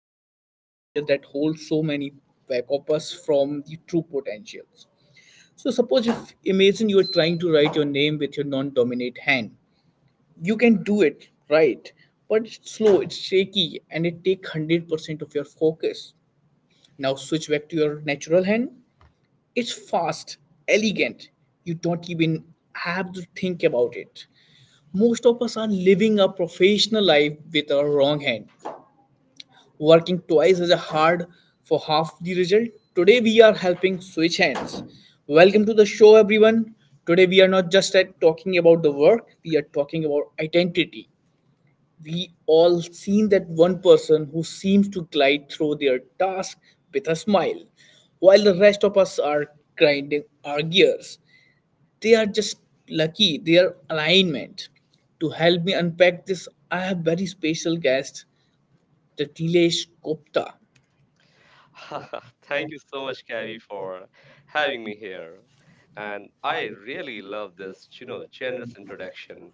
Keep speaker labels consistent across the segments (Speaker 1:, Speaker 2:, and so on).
Speaker 1: invisible barrier that holds so many back of us from the true potentials. So, suppose if imagine you are trying to write your name with your non-dominant hand, you can do it right, but it's slow, it's shaky, and it takes 100% of your focus. Now switch back to your natural hand. It's fast, elegant. You don't even have to think about it. Most of us are living a professional life with our wrong hand, working twice as hard for half the result. Today we are helping switch hands. Welcome to the show, everyone. Today we are not just at talking about the work, we are talking about identity. We all seen that one person who seems to glide through their task with a smile, while the rest of us are grinding our gears. They are just lucky their alignment. To help me unpack this I have very special guest, the Dilesh Gupta.
Speaker 2: Thank you so much, Kavi, for having me here. And I really love this generous introduction.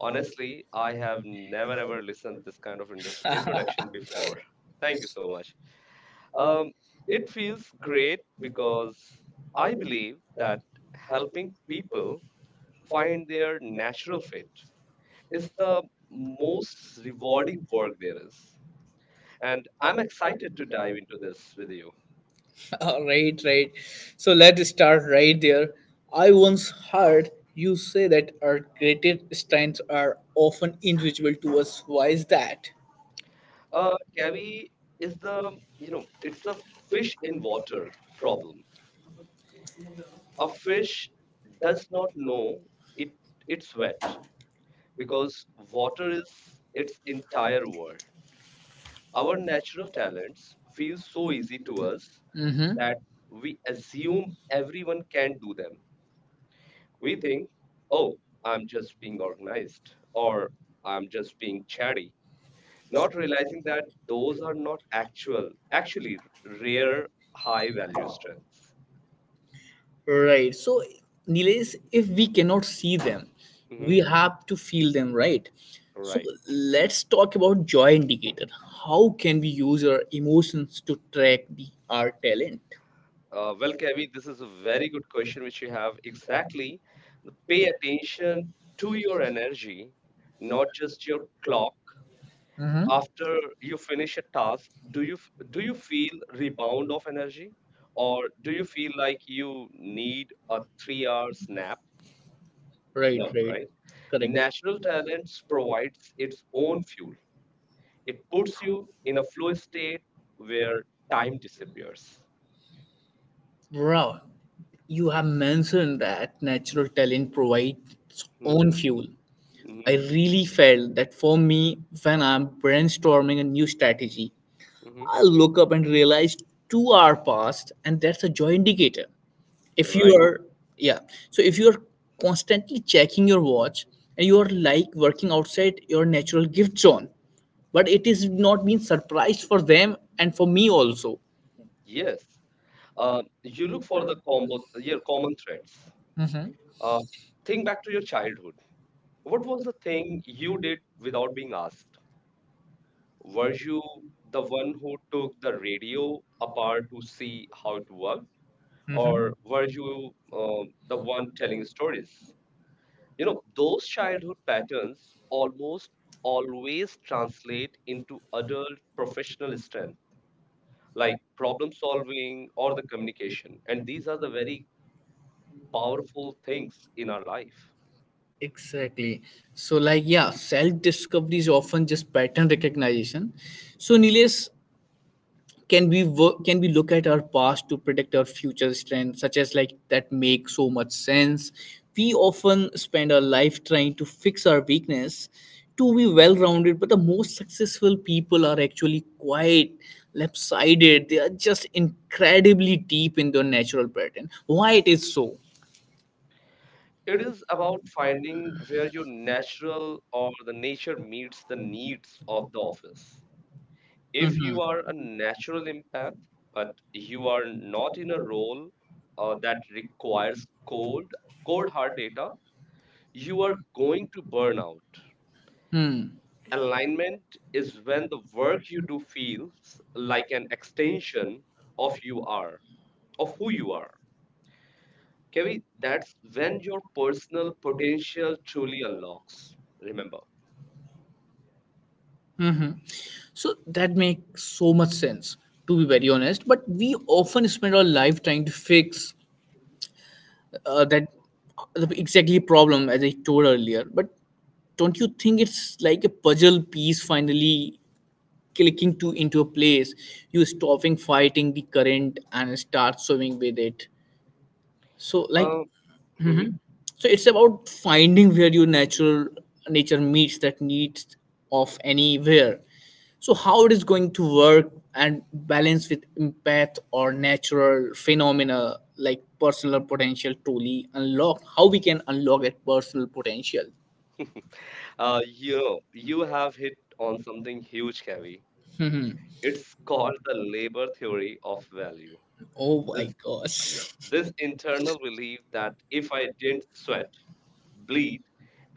Speaker 2: Honestly, I have never ever listened this kind of introduction before. Thank you so much. Um, it feels great because I believe that helping people find their natural fit is the most rewarding work there is. And I'm excited to dive into this with you.
Speaker 1: All right, right, so let's start right there. I once heard you say that our greatest strengths are often invisible to us. Why is that?
Speaker 2: Cavi, is the, you know, it's the fish in water problem. A fish does not know it it's wet because water is its entire world. Our natural talents feel so easy to us
Speaker 1: Mm-hmm.
Speaker 2: that we assume everyone can do them. We think, oh, I'm just being organized or I'm just being chatty, not realizing that those are not actually rare, high value strengths.
Speaker 1: Right. So, Nilesh, if we cannot see them,
Speaker 2: Hmm.
Speaker 1: we have to feel them, right? So,
Speaker 2: Right.
Speaker 1: right, let's talk about joy indicator. How can we use our emotions to track the our talent?
Speaker 2: Well, Kevi, this is a very good question which you have. Exactly. Pay attention to your energy, not just your clock. After you finish a task, do you feel rebound of energy, or do you feel like you need a 3 hours nap?
Speaker 1: Right,
Speaker 2: No,
Speaker 1: right.
Speaker 2: right?
Speaker 1: Correct.
Speaker 2: Natural talents provides its own fuel. It puts you in a flow state where time disappears.
Speaker 1: Wow. You have mentioned that natural talent provides its own
Speaker 2: Hmm.
Speaker 1: fuel. I
Speaker 2: Hmm.
Speaker 1: really felt that for me when I'm brainstorming a new strategy
Speaker 2: Hmm.
Speaker 1: I look up and realize 2 hour passed, and that's a joy indicator. If you
Speaker 2: Right.
Speaker 1: are, yeah, so if you are constantly checking your watch and you are like working outside your natural gift zone, but it is not being surprised for them and for me also.
Speaker 2: Yes. Uh, you look for the combo, your common threads.
Speaker 1: Mm-hmm.
Speaker 2: Uh, think back to your childhood. What was the thing you did without being asked? Were you the one who took the radio apart to see how it worked? Or were you the one telling stories? Those childhood patterns almost always translate into adult professional strength, like problem solving or the communication. And these are the very powerful things in our life.
Speaker 1: Exactly. So, like, yeah, self discovery is often just pattern recognition. So, Nilesh, can we can we look at our past to predict our future trends? Such as like that make so much sense. We often spend our life trying to fix our weakness to be well rounded, but the most successful people are actually quite lopsided. They are just incredibly deep in their natural pattern. Why it is so?
Speaker 2: It is about finding where your natural or the nature meets the needs of the office. If you
Speaker 1: Mhm.
Speaker 2: are a natural empath but you are not in a role that requires cold hard data, you are going to burn out.
Speaker 1: Hmm.
Speaker 2: Alignment is when the work you do feels like an extension of you are of who you are, Kevi. That's when your personal potential truly unlocks. Remember.
Speaker 1: Hmm. So that makes so much sense, to be very honest. But we often spend our life trying to fix that the exactly problem, as I told earlier. But don't you think it's like a puzzle piece finally clicking to into a place? You stopping fighting the current and start swimming with it. So, like,
Speaker 2: Uh, mhm.
Speaker 1: so it's about finding where your natural nature meets that need of anywhere. So how it is going to work and balance with empath or natural phenomena like personal potential truly unlock? How we can unlock that personal potential?
Speaker 2: You know you have hit on something huge, Kevi.
Speaker 1: Hmm.
Speaker 2: It's called the labor theory of value.
Speaker 1: Oh
Speaker 2: This,
Speaker 1: my
Speaker 2: yeah,
Speaker 1: gosh.
Speaker 2: this internal belief that if I didn't sweat, bleed,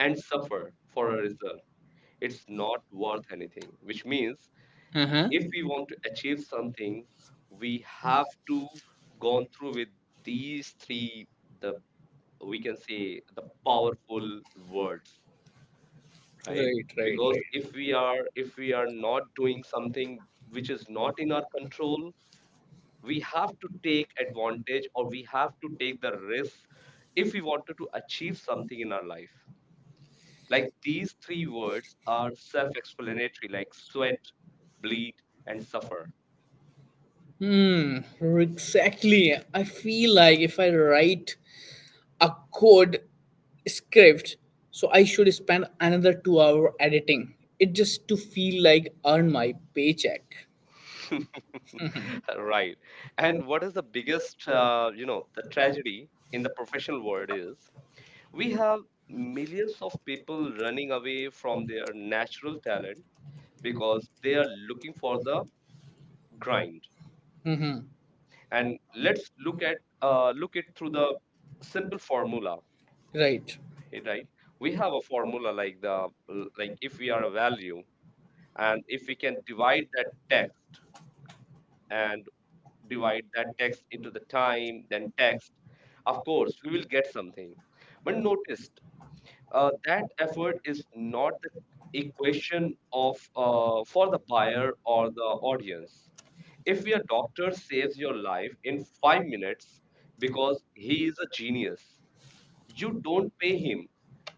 Speaker 2: and suffer for a result, it's not worth anything. Which means
Speaker 1: Uh-huh.
Speaker 2: if we want to achieve something, we have to gone through with these three, the we can say, the powerful words, right?
Speaker 1: Right, right,
Speaker 2: Because
Speaker 1: right.
Speaker 2: if we are not
Speaker 1: Doing
Speaker 2: doing
Speaker 1: something
Speaker 2: something which is
Speaker 1: not
Speaker 2: not in
Speaker 1: in our
Speaker 2: our
Speaker 1: control.
Speaker 2: control. We have to take advantage, or we have to take the risk if we wanted to achieve something in our life. Like, these three words are self-explanatory, like sweat, bleed, and suffer.
Speaker 1: Hmm, exactly. I feel like if I write a code script, so I should spend another 2 hour editing. It just to feel like earn my paycheck.
Speaker 2: Right. And what is the biggest, the tragedy in the professional world is, we have millions of people running away from their natural talent because they are looking for the grind.
Speaker 1: Mm-hmm.
Speaker 2: And let's look it through the simple formula.
Speaker 1: Right.
Speaker 2: Right, we have a formula like the like if we are a value and if we can divide that text and divide that text into the time then text. Of course we will get something, but notice that effort is not the equation of for the buyer or the audience. If your doctor saves your life in 5 minutes because he is a genius, you don't pay him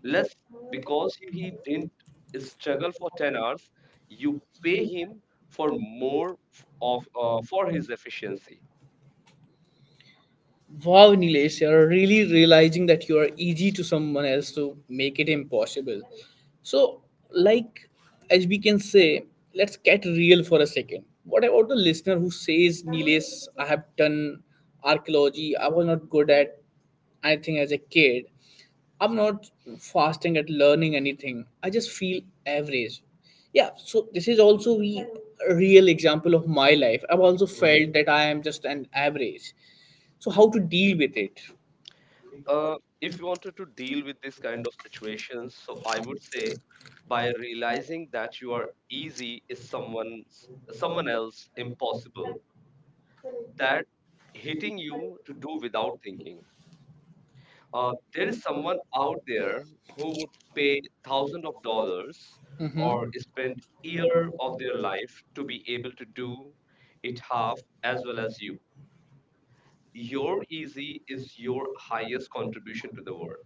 Speaker 2: less because he didn't struggle for 10 hours. You pay him for more f- of for his efficiency.
Speaker 1: Wow, Nilesh, you're really realizing that you are easy to someone else to make it impossible. So, like, as we can say, let's get real for a second. What about the listener who says, Nilesh, I have done archaeology, I was not good at anything as a kid. I'm not fasting at learning anything. I just feel average. Yeah, so this is also a real example of my life. I've also
Speaker 2: Mhm.
Speaker 1: felt that I am just an average, so how to deal with it?
Speaker 2: Uh, if you wanted to deal with this kind of situations, so I would say, by realizing that you are easy is someone else impossible, that hitting you to do without thinking. There is someone out there who would pay thousands of dollars or spend year of their life to be able to do it half as well as you. Your easy is your highest contribution to the world.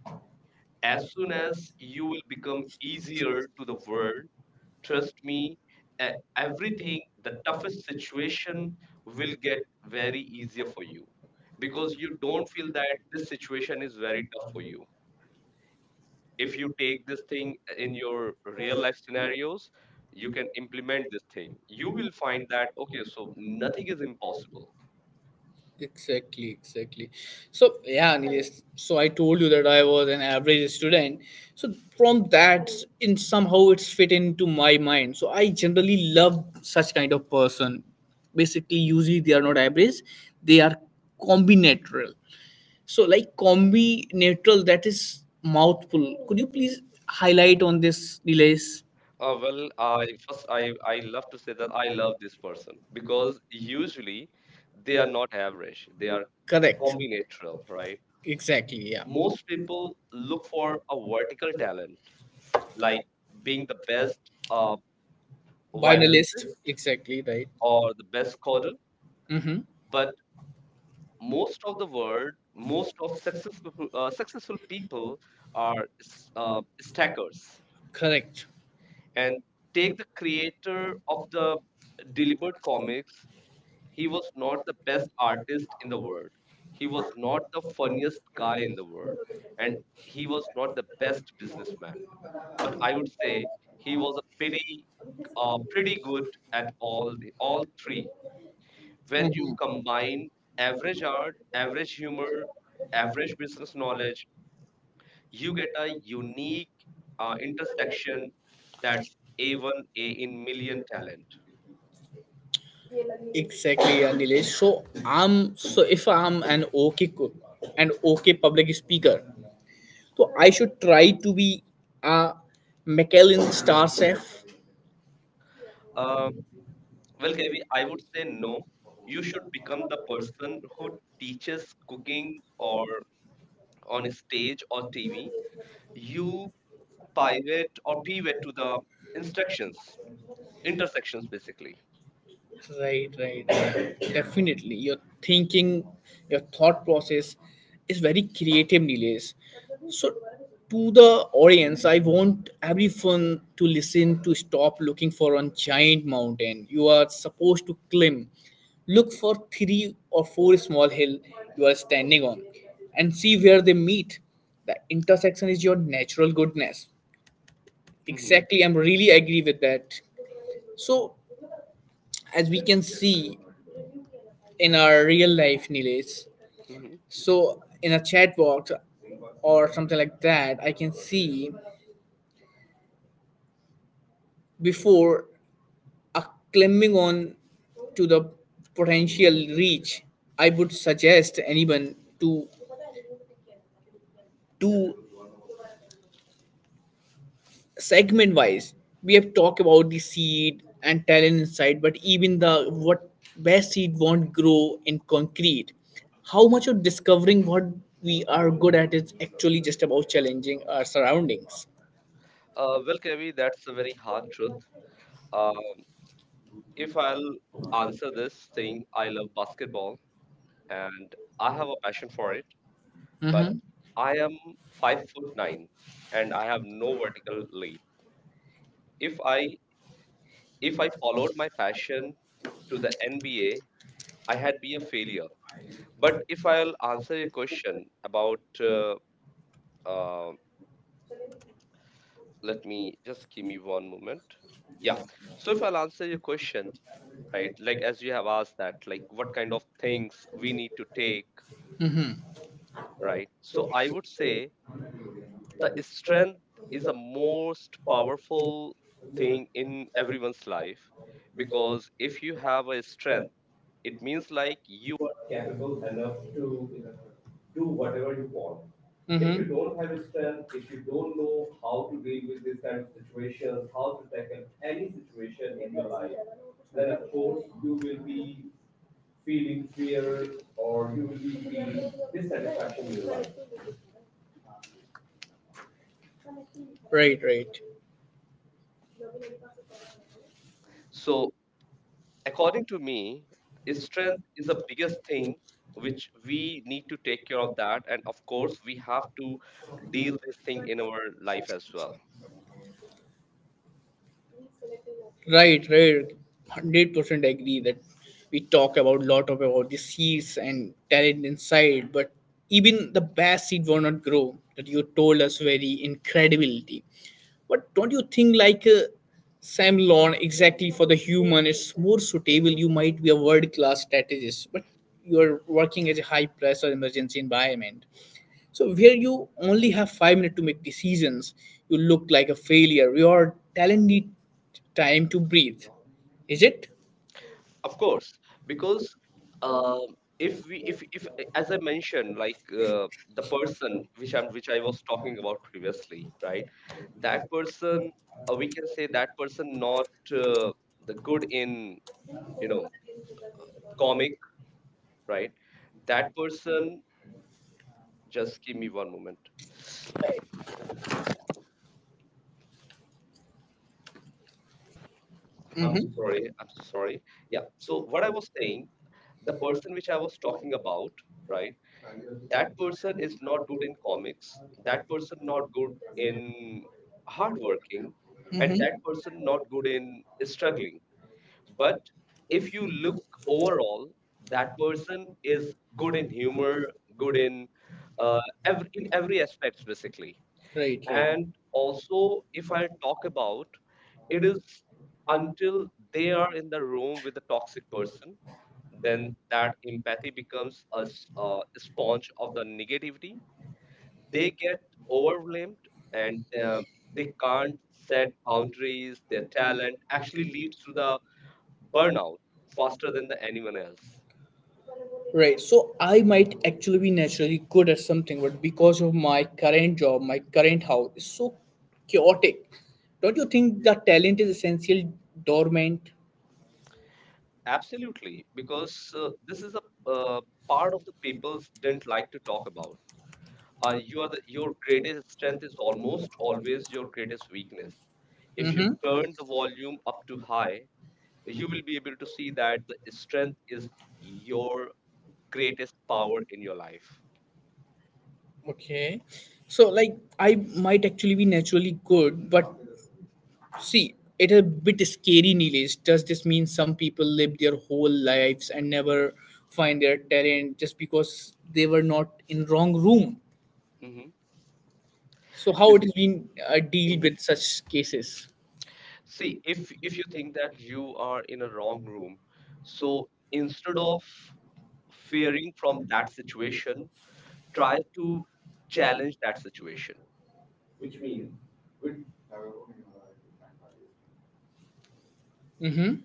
Speaker 2: As soon as you will become easier to the world, trust me, e- everything, the toughest situation will get very easier for you because you don't feel that this situation is very tough for you. If you take this thing in your real life scenarios, you can implement this thing, you will find that, okay, so nothing is impossible.
Speaker 1: Exactly, exactly. So yeah, Nilesh. So I told you that I was an average student. So from that, in somehow it's fit into my mind. So I generally love such kind of person. Basically, usually they are not average; they are combinatoral. So like combinatoral, that is mouthful. Could you please highlight on this, Nilesh?
Speaker 2: Uh, well i first i i love to say that I love this person because usually they are not average, they are
Speaker 1: Correct.
Speaker 2: combinatorial, right?
Speaker 1: Exactly. Yeah.
Speaker 2: Most people look for a vertical talent, like being the best uh,
Speaker 1: Binalist.
Speaker 2: violinist
Speaker 1: Exactly right.
Speaker 2: or the best coder.
Speaker 1: Mm-hmm.
Speaker 2: But most of the world, most of successful people are stackers.
Speaker 1: Correct.
Speaker 2: And take the creator of the deliberate comics. He was not the best artist in the world. He was not the funniest guy in the world, and he was not the best businessman. But I would say he was a pretty good at all three. When you
Speaker 1: Mm-hmm.
Speaker 2: combine average art, average humor, average business knowledge, you get a unique intersection that's A1A in million talent.
Speaker 1: Exactly, yeah, Nilesh. So I'm so if I'm an okay cook and okay public speaker, so I should try to be a Michelin star chef.
Speaker 2: Uh, well, KV, I would say no. You should become the person who teaches cooking or on stage or TV. You pivot to the instructions, intersections, basically.
Speaker 1: Right, right, right. Definitely. Your thinking, your thought process is very creative, Nilesh. So to the audience, I want everyone to listen to stop looking for one giant mountain you are supposed to climb. Look for three or four small hill you are standing on and see where they meet. The intersection is your natural goodness.
Speaker 2: Hmm.
Speaker 1: Exactly, I'm really agree with that. So, as we can see in our real life, Nilesh,
Speaker 2: Hmm.
Speaker 1: so in a chat box or something like that, I can see before uh, climbing on to the potential reach, I would suggest anyone to do segment wise. We have talked about the seed and talent inside, but even the what best seed won't grow in concrete. How much of discovering what we are good at is actually just about challenging our surroundings?
Speaker 2: Well Kavi, that's a very hard truth. Um, if I'll answer this thing, I love basketball and I have a passion for it, but
Speaker 1: Mm-hmm.
Speaker 2: I am 5 foot 9 and I have no vertical leap. If I if I followed my passion to the NBA, I had been a failure. But if I'll answer your question about, uh, let me just give me one moment. Yeah. So if I'll answer your question, right, like as you have asked that, like what kind of things we need to take,
Speaker 1: Mm-hmm.
Speaker 2: right? So I would say the strength is the most powerful thing in everyone's life because if you have a strength, it means like you.
Speaker 1: Right, right.
Speaker 2: So according to me, strength is the biggest thing which we need to take care of that, and of course we have to deal this thing in our life as well.
Speaker 1: Right, right. 100% agree that we talk about lot of about the seeds and talent inside, but even the best seed will not grow. That you told us very incredibility. But don't you think like Sam Lawn exactly for the human is more suitable? You might be a world class strategist, but you are working as a high pressure emergency environment. So where you only have 5 minutes to make decisions, you look like a failure. Your talent need time to breathe. Is it?
Speaker 2: Of course, because uh, if we if as I mentioned, like the person which I was talking about previously, right? That person, we can say that person not uh, the good in you know comic, right? That person, just give me one moment. I'm so
Speaker 1: Mm-hmm.
Speaker 2: sorry. I'm so sorry. Yeah. So what I was saying, the person which I was talking about, right? That person is not good in comics, that person not good in hard working, and that person not good in struggling. But if you look overall, that person is good in humor, good in uh, every aspects, basically.
Speaker 1: Right, right.
Speaker 2: And also if I talk about, it is until they are in the room with a toxic person, then that empathy becomes a sponge of the negativity. They get overwhelmed, and um, they can't set boundaries. Their talent actually leads to the burnout faster than the anyone else.
Speaker 1: Right. So I might actually be naturally good at something, but because of my current job, my current house is so chaotic. Don't you think that talent is essential dormant?
Speaker 2: Absolutely, because this is a uh, part of the people's didn't like to talk about. Your greatest strength is almost always your greatest weakness. If you
Speaker 1: Mm-hmm.
Speaker 2: turn the volume up too high, you will be able to see that the strength is your greatest power in your life.
Speaker 1: Okay. So like I might actually be naturally good, but see, it is a bit scary, Nilesh. Does this mean some people live their whole lives and never find their talent just because they were not in wrong room?
Speaker 2: Hmm.
Speaker 1: So how it
Speaker 2: Basic,
Speaker 1: has been deal
Speaker 2: mm-hmm.
Speaker 1: with such cases?
Speaker 2: See, if you think that you are in a wrong room, so instead of fearing from that situation, try to
Speaker 1: Mm-hmm.